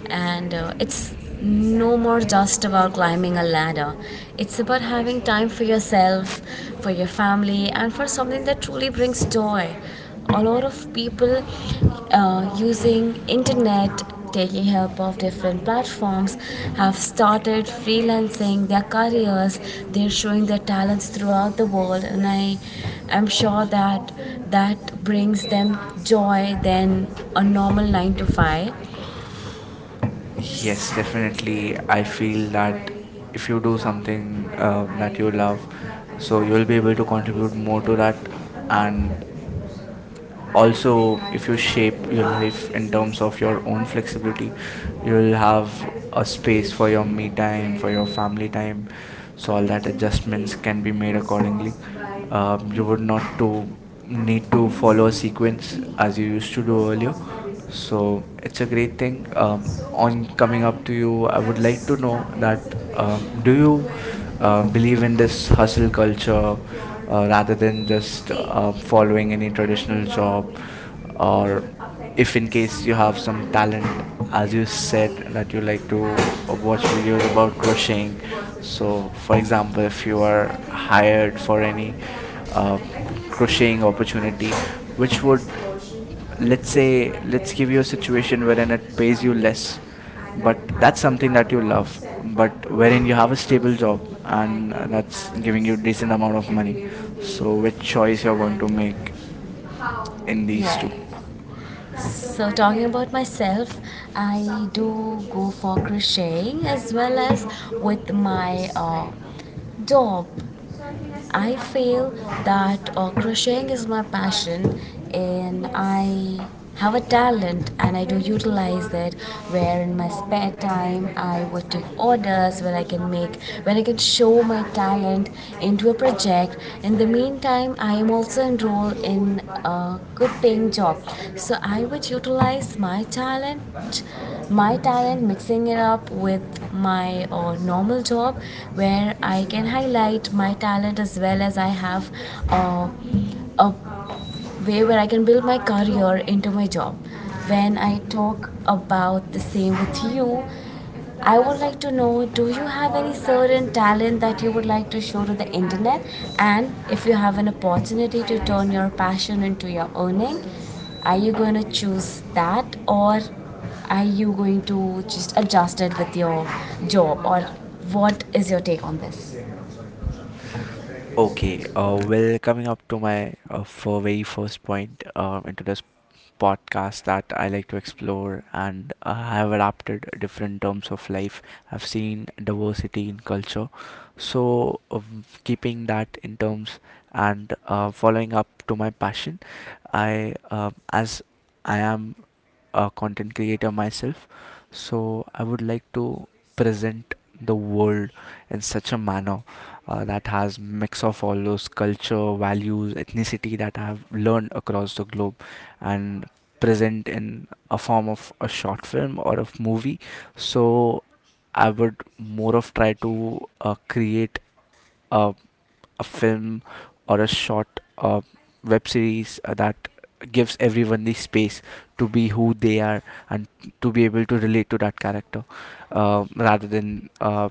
[SPEAKER 1] And It's no more just about climbing a ladder, it's about having time for yourself, for your family, and for something that truly brings joy. A lot of people using internet, taking help of different platforms, have started freelancing their careers. They're showing their talents throughout the world, and I am sure that that brings them joy than a normal 9 to 5.
[SPEAKER 2] Yes,
[SPEAKER 1] Save
[SPEAKER 2] definitely,
[SPEAKER 1] and
[SPEAKER 2] I
[SPEAKER 1] private
[SPEAKER 2] feel that
[SPEAKER 1] way,
[SPEAKER 2] if you do
[SPEAKER 1] shall
[SPEAKER 2] something
[SPEAKER 1] when
[SPEAKER 2] that
[SPEAKER 1] I
[SPEAKER 2] you
[SPEAKER 1] do
[SPEAKER 2] love,
[SPEAKER 1] love, so
[SPEAKER 2] so you'll
[SPEAKER 1] when
[SPEAKER 2] be
[SPEAKER 1] they
[SPEAKER 2] able
[SPEAKER 1] will
[SPEAKER 2] to
[SPEAKER 1] unfortunately
[SPEAKER 2] contribute
[SPEAKER 1] facing
[SPEAKER 2] more to that.
[SPEAKER 1] health a lot of
[SPEAKER 2] And
[SPEAKER 1] health issues. Also
[SPEAKER 2] also if you
[SPEAKER 1] appreciate
[SPEAKER 2] shape
[SPEAKER 1] quite the
[SPEAKER 2] your
[SPEAKER 1] lot of
[SPEAKER 2] life in terms
[SPEAKER 1] terms
[SPEAKER 2] of
[SPEAKER 1] of your
[SPEAKER 2] your
[SPEAKER 1] and
[SPEAKER 2] own
[SPEAKER 1] multiple.
[SPEAKER 2] flexibility,
[SPEAKER 1] You
[SPEAKER 2] you'll
[SPEAKER 1] will have
[SPEAKER 2] have a
[SPEAKER 1] a
[SPEAKER 2] space
[SPEAKER 1] space
[SPEAKER 2] for
[SPEAKER 1] for your
[SPEAKER 2] your me
[SPEAKER 1] me time, for
[SPEAKER 2] time, for your
[SPEAKER 1] your
[SPEAKER 2] family
[SPEAKER 1] family
[SPEAKER 2] time,
[SPEAKER 1] time.
[SPEAKER 2] so
[SPEAKER 1] So
[SPEAKER 2] all
[SPEAKER 1] you
[SPEAKER 2] that adjustments can be made accordingly. You would
[SPEAKER 1] would
[SPEAKER 2] not
[SPEAKER 1] not go
[SPEAKER 2] to need to follow a sequence as
[SPEAKER 1] as
[SPEAKER 2] you
[SPEAKER 1] you
[SPEAKER 2] used
[SPEAKER 1] used.
[SPEAKER 2] to do earlier, so
[SPEAKER 1] So
[SPEAKER 2] it's
[SPEAKER 1] it's
[SPEAKER 2] a
[SPEAKER 1] a
[SPEAKER 2] great
[SPEAKER 1] great thing,
[SPEAKER 2] thing. On coming up to you, I would like to know that do you believe in this hustle culture,
[SPEAKER 1] culture,
[SPEAKER 2] rather
[SPEAKER 1] rather
[SPEAKER 2] than
[SPEAKER 1] than just
[SPEAKER 2] just
[SPEAKER 1] following
[SPEAKER 2] following any
[SPEAKER 1] an
[SPEAKER 2] traditional job, or if in case you have some talent, as you said that you like
[SPEAKER 1] like,
[SPEAKER 2] to watch videos about crocheting. So
[SPEAKER 1] for
[SPEAKER 2] for
[SPEAKER 1] example,
[SPEAKER 2] example, if
[SPEAKER 1] if
[SPEAKER 2] you
[SPEAKER 1] you
[SPEAKER 2] are
[SPEAKER 1] are.
[SPEAKER 2] hired for any uh, crocheting opportunity which would, let's say, let's give you a situation wherein it pays you less, but that's something that you love, but wherein you have a stable job and that's giving you decent amount of money, so which choice you're going to make in these two?
[SPEAKER 1] Yeah. So talking about myself, I do go for crocheting as well as with my dog. I feel that, crocheting is my passion, and I have a talent and I do utilize it, where in my spare time I would take orders, where I can make, where I can show my talent into a project. In the meantime, I am also enrolled in a good paying job, so I would utilize my talent, my talent, mixing it up with my normal job, where I can highlight, put my talent, as well as I have uh, a way where I can build my career into my job. When I talk about the same with you, I would like to know, do you have any certain talent that you would like to show to the internet? And if you have an opportunity to turn your passion into your earning, are you going to choose that, or are you going to just adjust it with your job? Or what is your take on this?
[SPEAKER 2] Okay, well, coming up to my for very first point into this podcast, that I like to explore, and I have adapted different terms of life. I've seen diversity in culture, so keeping that in terms, and following up to my passion, I as I am a content creator myself, so I would like to present the world in such a manner that has mix of all those culture, values, ethnicity that I have learned across the globe, and present in a form of a short film or a movie. So I would more of try to create a a film or a short web series that gives everyone the space to be who they are and to be able to relate to that character, rather than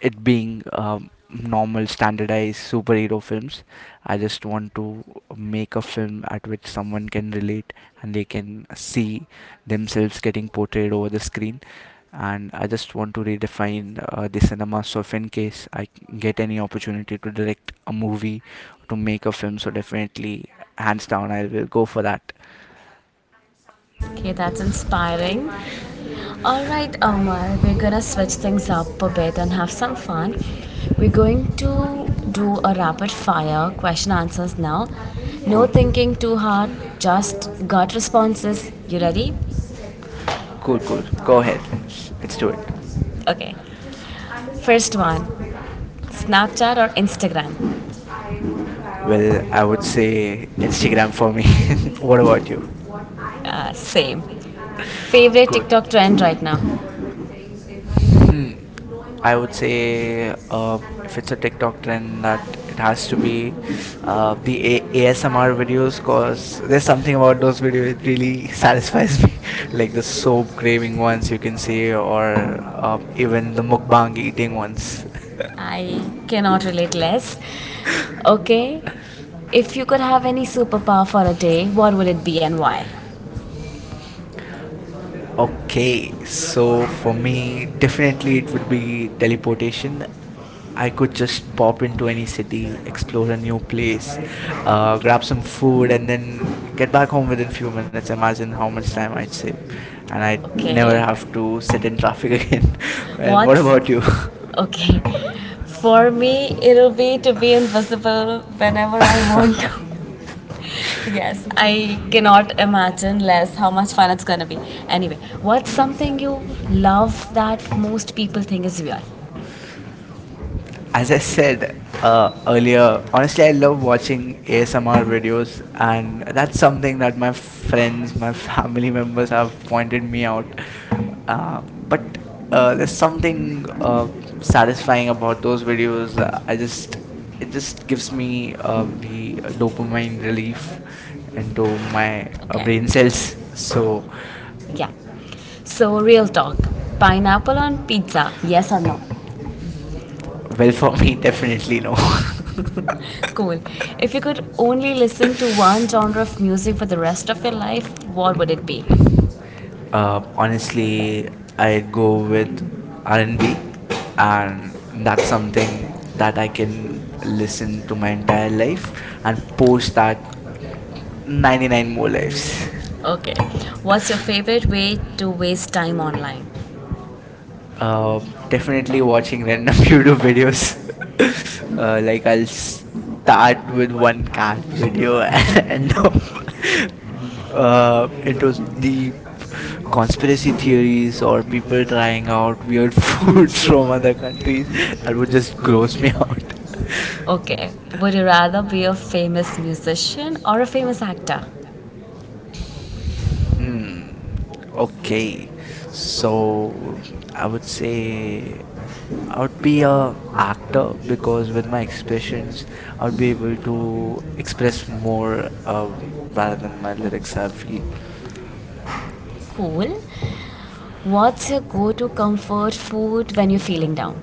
[SPEAKER 2] it being normal standardized superhero films. I just want to make a film at which someone can relate and they can see themselves getting portrayed over the screen. And I just want to redefine the cinema. So, if in case I get any opportunity to direct a movie, to make a film, so definitely, hands down, I will go for that.
[SPEAKER 1] Okay, that's inspiring. All right, Omar, we're gonna switch things up a bit and have some fun. We're going to do a rapid fire question answers now. No
[SPEAKER 2] Cool.
[SPEAKER 1] thinking too hard, just gut responses. You ready?
[SPEAKER 2] Cool, cool. Go ahead. Let's do it.
[SPEAKER 1] Okay. First one, Snapchat or Instagram?
[SPEAKER 2] Well,
[SPEAKER 1] Well,
[SPEAKER 2] I
[SPEAKER 1] I would
[SPEAKER 2] would
[SPEAKER 1] say
[SPEAKER 2] say
[SPEAKER 1] Instagram
[SPEAKER 2] Instagram
[SPEAKER 1] for
[SPEAKER 2] for
[SPEAKER 1] me.
[SPEAKER 2] me.
[SPEAKER 1] *laughs*
[SPEAKER 2] *laughs* What
[SPEAKER 1] What about
[SPEAKER 2] about you?
[SPEAKER 1] you? Same. Favorite
[SPEAKER 2] Cool.
[SPEAKER 1] TikTok trend right now?
[SPEAKER 2] Hmm.
[SPEAKER 1] Knowing what I
[SPEAKER 2] I
[SPEAKER 1] are my
[SPEAKER 2] would
[SPEAKER 1] would say
[SPEAKER 2] say
[SPEAKER 1] intentions, and what
[SPEAKER 2] if
[SPEAKER 1] I'm
[SPEAKER 2] it's a
[SPEAKER 1] doing.
[SPEAKER 2] TikTok trend, that
[SPEAKER 1] Rather than
[SPEAKER 2] it
[SPEAKER 1] has
[SPEAKER 2] has
[SPEAKER 1] to
[SPEAKER 2] to
[SPEAKER 1] be
[SPEAKER 2] be uh, the A-
[SPEAKER 1] the
[SPEAKER 2] ASMR
[SPEAKER 1] ASMR videos,
[SPEAKER 2] videos,
[SPEAKER 1] because
[SPEAKER 2] cause
[SPEAKER 1] there's
[SPEAKER 2] there's something
[SPEAKER 1] something about
[SPEAKER 2] about those
[SPEAKER 1] those videos
[SPEAKER 2] videos
[SPEAKER 1] that
[SPEAKER 2] it
[SPEAKER 1] really
[SPEAKER 2] really *laughs*
[SPEAKER 1] satisfies
[SPEAKER 2] satisfies
[SPEAKER 1] me.
[SPEAKER 2] me,
[SPEAKER 1] *laughs* Like
[SPEAKER 2] like
[SPEAKER 1] the
[SPEAKER 2] the
[SPEAKER 1] soap
[SPEAKER 2] soap
[SPEAKER 1] waving
[SPEAKER 2] craving
[SPEAKER 1] ones,
[SPEAKER 2] ones
[SPEAKER 1] you
[SPEAKER 2] you
[SPEAKER 1] can
[SPEAKER 2] can
[SPEAKER 1] say,
[SPEAKER 2] say,
[SPEAKER 1] or
[SPEAKER 2] or
[SPEAKER 1] even
[SPEAKER 2] even the
[SPEAKER 1] the mukbang
[SPEAKER 2] mukbang
[SPEAKER 1] eating
[SPEAKER 2] eating
[SPEAKER 1] ones.
[SPEAKER 2] ones.
[SPEAKER 1] I
[SPEAKER 2] *laughs*
[SPEAKER 1] cannot relate less. Okay. If you could have any superpower for a day, what would it be and why? Okay,
[SPEAKER 2] Okay,
[SPEAKER 1] so
[SPEAKER 2] so
[SPEAKER 1] for
[SPEAKER 2] for
[SPEAKER 1] the
[SPEAKER 2] me,
[SPEAKER 1] different
[SPEAKER 2] definitely it
[SPEAKER 1] creative
[SPEAKER 2] would be
[SPEAKER 1] deliberation,
[SPEAKER 2] teleportation.
[SPEAKER 1] I
[SPEAKER 2] I
[SPEAKER 1] could
[SPEAKER 2] could just
[SPEAKER 1] just pop
[SPEAKER 2] pop
[SPEAKER 1] into
[SPEAKER 2] into any
[SPEAKER 1] any city
[SPEAKER 2] city,
[SPEAKER 1] and ask for
[SPEAKER 2] explore a new
[SPEAKER 1] some
[SPEAKER 2] place,
[SPEAKER 1] place,
[SPEAKER 2] grab
[SPEAKER 1] grab some
[SPEAKER 2] some food,
[SPEAKER 1] food,
[SPEAKER 2] and
[SPEAKER 1] and then
[SPEAKER 2] then get
[SPEAKER 1] get
[SPEAKER 2] back
[SPEAKER 1] back
[SPEAKER 2] home
[SPEAKER 1] on the
[SPEAKER 2] within
[SPEAKER 1] road to
[SPEAKER 2] few minutes.
[SPEAKER 1] the Mazen
[SPEAKER 2] Imagine how
[SPEAKER 1] College
[SPEAKER 2] much
[SPEAKER 1] that
[SPEAKER 2] time
[SPEAKER 1] way.
[SPEAKER 2] I'd
[SPEAKER 1] So
[SPEAKER 2] save, and
[SPEAKER 1] I,
[SPEAKER 2] I'd
[SPEAKER 1] okay,
[SPEAKER 2] never
[SPEAKER 1] I have
[SPEAKER 2] have to
[SPEAKER 1] to
[SPEAKER 2] sit
[SPEAKER 1] sit
[SPEAKER 2] in
[SPEAKER 1] in
[SPEAKER 2] traffic *laughs*
[SPEAKER 1] traffic.
[SPEAKER 2] again.
[SPEAKER 1] *laughs*
[SPEAKER 2] And what
[SPEAKER 1] What's- what
[SPEAKER 2] about
[SPEAKER 1] about
[SPEAKER 2] you?
[SPEAKER 1] you? Okay. For me, it'll be to be invisible whenever I want to. Yes, I cannot imagine less how much fun it's gonna be. Anyway, what's
[SPEAKER 2] *laughs*
[SPEAKER 1] something you love that most people think is weird? as
[SPEAKER 2] As
[SPEAKER 1] I
[SPEAKER 2] I
[SPEAKER 1] said
[SPEAKER 2] said
[SPEAKER 1] uh, earlier,
[SPEAKER 2] earlier,
[SPEAKER 1] first
[SPEAKER 2] honestly, I
[SPEAKER 1] I
[SPEAKER 2] love
[SPEAKER 1] love watching
[SPEAKER 2] watching
[SPEAKER 1] ASMR
[SPEAKER 2] ASMR
[SPEAKER 1] videos.
[SPEAKER 2] videos, and
[SPEAKER 1] That's
[SPEAKER 2] that's
[SPEAKER 1] something
[SPEAKER 2] something that
[SPEAKER 1] that my
[SPEAKER 2] my
[SPEAKER 1] friend, my
[SPEAKER 2] friends, my
[SPEAKER 1] family
[SPEAKER 2] family *laughs*
[SPEAKER 1] members
[SPEAKER 2] members
[SPEAKER 1] have
[SPEAKER 2] have pointed
[SPEAKER 1] pointed me
[SPEAKER 2] me
[SPEAKER 1] out.
[SPEAKER 2] out.
[SPEAKER 1] Uh,
[SPEAKER 2] Uh, but
[SPEAKER 1] but
[SPEAKER 2] uh,
[SPEAKER 1] uh,
[SPEAKER 2] there's
[SPEAKER 1] there's something
[SPEAKER 2] something satisfying
[SPEAKER 1] satisfying
[SPEAKER 2] about
[SPEAKER 1] about
[SPEAKER 2] those
[SPEAKER 1] those videos.
[SPEAKER 2] videos.
[SPEAKER 1] I
[SPEAKER 2] I
[SPEAKER 1] just,
[SPEAKER 2] just It
[SPEAKER 1] it
[SPEAKER 2] just
[SPEAKER 1] just gives
[SPEAKER 2] gives
[SPEAKER 1] me
[SPEAKER 2] me the
[SPEAKER 1] dopamine
[SPEAKER 2] dopamine
[SPEAKER 1] really.
[SPEAKER 2] relief into my
[SPEAKER 1] Dopamine. Okay.
[SPEAKER 2] brain
[SPEAKER 1] Brain cells.
[SPEAKER 2] cells.
[SPEAKER 1] So
[SPEAKER 2] So
[SPEAKER 1] yeah. So, real talk, pineapple on pizza, yes or no?
[SPEAKER 2] well,
[SPEAKER 1] Well,
[SPEAKER 2] for
[SPEAKER 1] for
[SPEAKER 2] me,
[SPEAKER 1] me, definitely
[SPEAKER 2] definitely no. *laughs*
[SPEAKER 1] no.
[SPEAKER 2] One
[SPEAKER 1] Cool. If you could only listen to one genre of music for the rest of your life, what would it be? Honestly,
[SPEAKER 2] Honestly,
[SPEAKER 1] I
[SPEAKER 2] I'd
[SPEAKER 1] go
[SPEAKER 2] go
[SPEAKER 1] with
[SPEAKER 2] with
[SPEAKER 1] anime,
[SPEAKER 2] R&B,
[SPEAKER 1] and that's
[SPEAKER 2] and B, and that's something
[SPEAKER 1] something that
[SPEAKER 2] that
[SPEAKER 1] I
[SPEAKER 2] I
[SPEAKER 1] can
[SPEAKER 2] can listen
[SPEAKER 1] listen
[SPEAKER 2] to
[SPEAKER 1] to
[SPEAKER 2] my
[SPEAKER 1] my
[SPEAKER 2] entire
[SPEAKER 1] entire life
[SPEAKER 2] life and
[SPEAKER 1] and
[SPEAKER 2] post
[SPEAKER 1] post
[SPEAKER 2] that
[SPEAKER 1] that
[SPEAKER 2] 99
[SPEAKER 1] 99
[SPEAKER 2] more
[SPEAKER 1] more
[SPEAKER 2] lives.
[SPEAKER 1] lives. Okay. What's your
[SPEAKER 2] Okay.
[SPEAKER 1] favorite way to waste time online? Um,
[SPEAKER 2] Uh, Definitely
[SPEAKER 1] Definitely
[SPEAKER 2] watching
[SPEAKER 1] watching random
[SPEAKER 2] random *laughs*
[SPEAKER 1] YouTube
[SPEAKER 2] YouTube videos,
[SPEAKER 1] videos. *laughs* Like
[SPEAKER 2] like
[SPEAKER 1] I'll
[SPEAKER 2] I'll start
[SPEAKER 1] start
[SPEAKER 2] with
[SPEAKER 1] with
[SPEAKER 2] one
[SPEAKER 1] one car
[SPEAKER 2] cat
[SPEAKER 1] video
[SPEAKER 2] video *laughs*
[SPEAKER 1] and
[SPEAKER 2] and
[SPEAKER 1] *laughs* uh,
[SPEAKER 2] into
[SPEAKER 1] look
[SPEAKER 2] the
[SPEAKER 1] the conspiracy
[SPEAKER 2] conspiracy
[SPEAKER 1] theories
[SPEAKER 2] theories
[SPEAKER 1] or
[SPEAKER 2] or
[SPEAKER 1] people
[SPEAKER 2] people
[SPEAKER 1] trying
[SPEAKER 2] trying
[SPEAKER 1] out
[SPEAKER 2] out
[SPEAKER 1] weird
[SPEAKER 2] weird *laughs*
[SPEAKER 1] food
[SPEAKER 2] foods
[SPEAKER 1] from
[SPEAKER 2] from
[SPEAKER 1] other
[SPEAKER 2] other
[SPEAKER 1] countries.
[SPEAKER 2] countries
[SPEAKER 1] It
[SPEAKER 2] that
[SPEAKER 1] would
[SPEAKER 2] would
[SPEAKER 1] just
[SPEAKER 2] just
[SPEAKER 1] gross
[SPEAKER 2] gross me
[SPEAKER 1] me out.
[SPEAKER 2] out.
[SPEAKER 1] Okay, would you rather be a famous musician or a famous actor?
[SPEAKER 2] Hmm.
[SPEAKER 1] Okay,
[SPEAKER 2] Okay.
[SPEAKER 1] so
[SPEAKER 2] So
[SPEAKER 1] I
[SPEAKER 2] I
[SPEAKER 1] would
[SPEAKER 2] would
[SPEAKER 1] say
[SPEAKER 2] say
[SPEAKER 1] I should
[SPEAKER 2] I
[SPEAKER 1] not
[SPEAKER 2] would
[SPEAKER 1] be
[SPEAKER 2] be
[SPEAKER 1] an
[SPEAKER 2] a
[SPEAKER 1] actor,
[SPEAKER 2] actor
[SPEAKER 1] because
[SPEAKER 2] because with
[SPEAKER 1] with my
[SPEAKER 2] my
[SPEAKER 1] expressions
[SPEAKER 2] expressions I
[SPEAKER 1] I'll
[SPEAKER 2] would
[SPEAKER 1] be
[SPEAKER 2] be able
[SPEAKER 1] able
[SPEAKER 2] to
[SPEAKER 1] to
[SPEAKER 2] express
[SPEAKER 1] express more,
[SPEAKER 2] more,
[SPEAKER 1] um,
[SPEAKER 2] rather
[SPEAKER 1] by
[SPEAKER 2] than my
[SPEAKER 1] my
[SPEAKER 2] lyrics. I
[SPEAKER 1] myself.
[SPEAKER 2] feel
[SPEAKER 1] Cool. What's your go to comfort food when you're feeling down?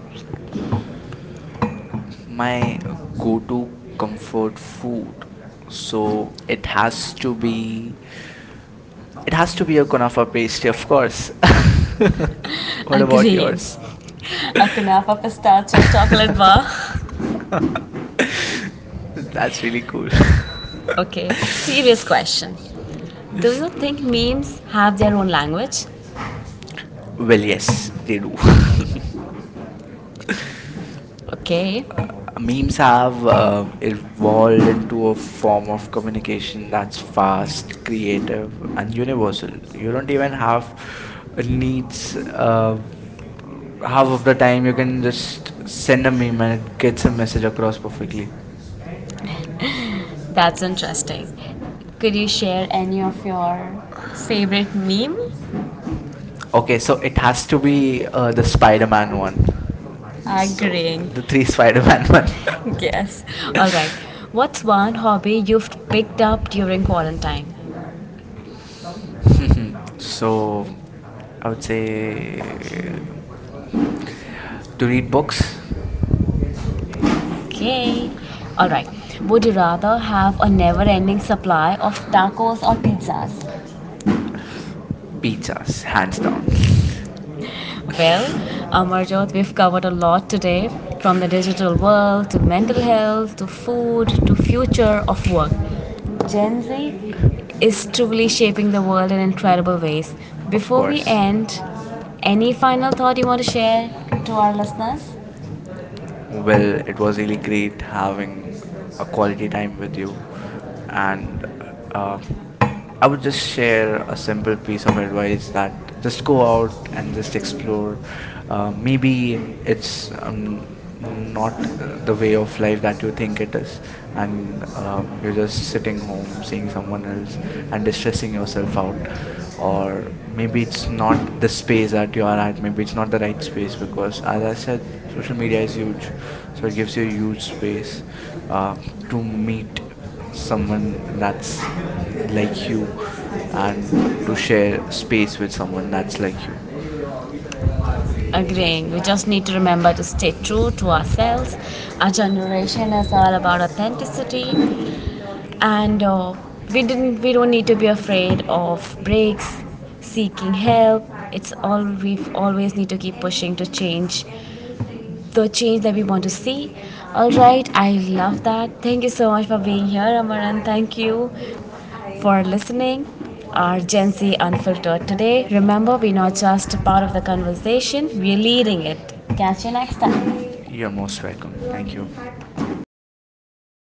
[SPEAKER 1] My
[SPEAKER 2] my
[SPEAKER 1] go-to
[SPEAKER 2] go-to
[SPEAKER 1] comfort food,
[SPEAKER 2] comfort food, so
[SPEAKER 1] so it
[SPEAKER 2] it has
[SPEAKER 1] has to
[SPEAKER 2] to
[SPEAKER 1] be
[SPEAKER 2] be
[SPEAKER 1] it
[SPEAKER 2] it has
[SPEAKER 1] has to
[SPEAKER 2] to be
[SPEAKER 1] be a
[SPEAKER 2] a kunafa
[SPEAKER 1] kunafa
[SPEAKER 2] pastry,
[SPEAKER 1] pastry, of
[SPEAKER 2] of course.
[SPEAKER 1] course.
[SPEAKER 2] *laughs*
[SPEAKER 1] *laughs*
[SPEAKER 2] What about
[SPEAKER 1] Agreeing. *laughs*
[SPEAKER 2] yours?
[SPEAKER 1] A kunafa pistachio chocolate bar.
[SPEAKER 2] *laughs* That's really cool.
[SPEAKER 1] Okay, serious question. Do you think memes have their own language?
[SPEAKER 2] *laughs* Well,
[SPEAKER 1] Well, yes.
[SPEAKER 2] yes, they do. *laughs*
[SPEAKER 1] Okay.
[SPEAKER 2] Memes
[SPEAKER 1] Memes
[SPEAKER 2] have
[SPEAKER 1] have evolved
[SPEAKER 2] evolved into
[SPEAKER 1] into
[SPEAKER 2] a
[SPEAKER 1] a form
[SPEAKER 2] form
[SPEAKER 1] of
[SPEAKER 2] of communication
[SPEAKER 1] communication
[SPEAKER 2] that's
[SPEAKER 1] that's fast,
[SPEAKER 2] fast,
[SPEAKER 1] creative,
[SPEAKER 2] creative,
[SPEAKER 1] and
[SPEAKER 2] and universal.
[SPEAKER 1] universal. So
[SPEAKER 2] You
[SPEAKER 1] you
[SPEAKER 2] don't
[SPEAKER 1] don't
[SPEAKER 2] even
[SPEAKER 1] even have
[SPEAKER 2] have needs.
[SPEAKER 1] to uh,
[SPEAKER 2] Half of
[SPEAKER 1] half
[SPEAKER 2] the
[SPEAKER 1] the
[SPEAKER 2] time,
[SPEAKER 1] time,
[SPEAKER 2] you
[SPEAKER 1] you
[SPEAKER 2] can
[SPEAKER 1] can just
[SPEAKER 2] just send
[SPEAKER 1] send
[SPEAKER 2] a
[SPEAKER 1] a
[SPEAKER 2] meme
[SPEAKER 1] meme
[SPEAKER 2] and it
[SPEAKER 1] and get
[SPEAKER 2] gets a
[SPEAKER 1] some
[SPEAKER 2] message
[SPEAKER 1] message
[SPEAKER 2] across
[SPEAKER 1] across.
[SPEAKER 2] perfectly.
[SPEAKER 1] That's interesting. Could you share any of your favorite meme?
[SPEAKER 2] Okay,
[SPEAKER 1] Okay,
[SPEAKER 2] so
[SPEAKER 1] so
[SPEAKER 2] it
[SPEAKER 1] it
[SPEAKER 2] has
[SPEAKER 1] has
[SPEAKER 2] to
[SPEAKER 1] to be
[SPEAKER 2] be the
[SPEAKER 1] the
[SPEAKER 2] Spider Man
[SPEAKER 1] Spider-Man
[SPEAKER 2] one.
[SPEAKER 1] one.
[SPEAKER 2] So,
[SPEAKER 1] Agreeing.
[SPEAKER 2] the three
[SPEAKER 1] Three
[SPEAKER 2] Spider Man *laughs*
[SPEAKER 1] Spider-Man
[SPEAKER 2] one.
[SPEAKER 1] one. *laughs* Yes. All right. What's one hobby you've picked up during quarantine?
[SPEAKER 2] *laughs* So
[SPEAKER 1] So
[SPEAKER 2] I
[SPEAKER 1] I
[SPEAKER 2] would
[SPEAKER 1] would say do
[SPEAKER 2] say to
[SPEAKER 1] you
[SPEAKER 2] read
[SPEAKER 1] need
[SPEAKER 2] books.
[SPEAKER 1] books. Okay. Alright. Would you rather have a never ending supply of tacos or pizzas? Pizzas.
[SPEAKER 2] Pizzas, hands down. *laughs*
[SPEAKER 1] Well, Amarjot, we've covered a lot today, from the digital world, to mental health, to food, to future of work. Gen Z is truly shaping the world in incredible ways.
[SPEAKER 2] Of
[SPEAKER 1] Before we
[SPEAKER 2] course.
[SPEAKER 1] end, any final thought you want to share to our listeners?
[SPEAKER 2] Well,
[SPEAKER 1] Where the
[SPEAKER 2] it was really
[SPEAKER 1] golden tree
[SPEAKER 2] great
[SPEAKER 1] having
[SPEAKER 2] having
[SPEAKER 1] its
[SPEAKER 2] a quality time
[SPEAKER 1] 49
[SPEAKER 2] with
[SPEAKER 1] language,
[SPEAKER 2] you, and
[SPEAKER 1] and
[SPEAKER 2] uh,
[SPEAKER 1] um,
[SPEAKER 2] I
[SPEAKER 1] I
[SPEAKER 2] would
[SPEAKER 1] would
[SPEAKER 2] just
[SPEAKER 1] just share
[SPEAKER 2] share a
[SPEAKER 1] a simple
[SPEAKER 2] simple
[SPEAKER 1] piece
[SPEAKER 2] piece
[SPEAKER 1] of
[SPEAKER 2] of
[SPEAKER 1] advice
[SPEAKER 2] advice that
[SPEAKER 1] that
[SPEAKER 2] just
[SPEAKER 1] just go
[SPEAKER 2] go
[SPEAKER 1] out
[SPEAKER 2] out and
[SPEAKER 1] and just
[SPEAKER 2] just
[SPEAKER 1] explore.
[SPEAKER 2] explore. Uh, maybe
[SPEAKER 1] Maybe
[SPEAKER 2] it's
[SPEAKER 1] it's
[SPEAKER 2] um, not
[SPEAKER 1] not
[SPEAKER 2] the
[SPEAKER 1] the
[SPEAKER 2] way
[SPEAKER 1] way
[SPEAKER 2] of
[SPEAKER 1] of
[SPEAKER 2] life
[SPEAKER 1] life
[SPEAKER 2] that
[SPEAKER 1] that
[SPEAKER 2] you
[SPEAKER 1] you
[SPEAKER 2] think
[SPEAKER 1] think
[SPEAKER 2] it
[SPEAKER 1] it is,
[SPEAKER 2] is,
[SPEAKER 1] and
[SPEAKER 2] and
[SPEAKER 1] uh,
[SPEAKER 2] you're
[SPEAKER 1] because
[SPEAKER 2] just
[SPEAKER 1] certain
[SPEAKER 2] sitting home, seeing
[SPEAKER 1] emotions or
[SPEAKER 2] someone
[SPEAKER 1] moments
[SPEAKER 2] else, and
[SPEAKER 1] and
[SPEAKER 2] distressing
[SPEAKER 1] stressing
[SPEAKER 2] yourself
[SPEAKER 1] yourself out.
[SPEAKER 2] out.
[SPEAKER 1] Or
[SPEAKER 2] Or
[SPEAKER 1] maybe
[SPEAKER 2] maybe
[SPEAKER 1] it's
[SPEAKER 2] it's not
[SPEAKER 1] not the
[SPEAKER 2] the space
[SPEAKER 1] space that
[SPEAKER 2] that
[SPEAKER 1] you
[SPEAKER 2] you are
[SPEAKER 1] are
[SPEAKER 2] at,
[SPEAKER 1] at,
[SPEAKER 2] maybe
[SPEAKER 1] maybe
[SPEAKER 2] it's
[SPEAKER 1] it's
[SPEAKER 2] not
[SPEAKER 1] not the
[SPEAKER 2] the right
[SPEAKER 1] right space,
[SPEAKER 2] space because,
[SPEAKER 1] because I
[SPEAKER 2] as I
[SPEAKER 1] would say
[SPEAKER 2] said, social
[SPEAKER 1] social
[SPEAKER 2] media
[SPEAKER 1] media is
[SPEAKER 2] is
[SPEAKER 1] huge.
[SPEAKER 2] huge, so
[SPEAKER 1] So
[SPEAKER 2] it
[SPEAKER 1] it
[SPEAKER 2] gives
[SPEAKER 1] gives
[SPEAKER 2] you
[SPEAKER 1] you
[SPEAKER 2] a
[SPEAKER 1] a
[SPEAKER 2] huge
[SPEAKER 1] huge space
[SPEAKER 2] space uh,
[SPEAKER 1] to
[SPEAKER 2] to
[SPEAKER 1] meet
[SPEAKER 2] meet
[SPEAKER 1] someone
[SPEAKER 2] someone
[SPEAKER 1] that likes
[SPEAKER 2] that's
[SPEAKER 1] and
[SPEAKER 2] like you,
[SPEAKER 1] to
[SPEAKER 2] and to share
[SPEAKER 1] share space
[SPEAKER 2] space with
[SPEAKER 1] with
[SPEAKER 2] someone
[SPEAKER 1] someone that's
[SPEAKER 2] that's
[SPEAKER 1] like.
[SPEAKER 2] like you.
[SPEAKER 1] Agreeing. We just need to remember to stay true to ourselves. Our generation is all about authenticity, and we don't need to be afraid of breaks, seeking help. It's all, we always need to keep pushing to change, the change that we want to see. All right, I love that. Thank you so much for being here, Amaran. Thank you for listening our Gen Z unfiltered today. Remember, we're not just a part of the conversation, we're leading it. Catch you next time.
[SPEAKER 2] You're most welcome. Thank you.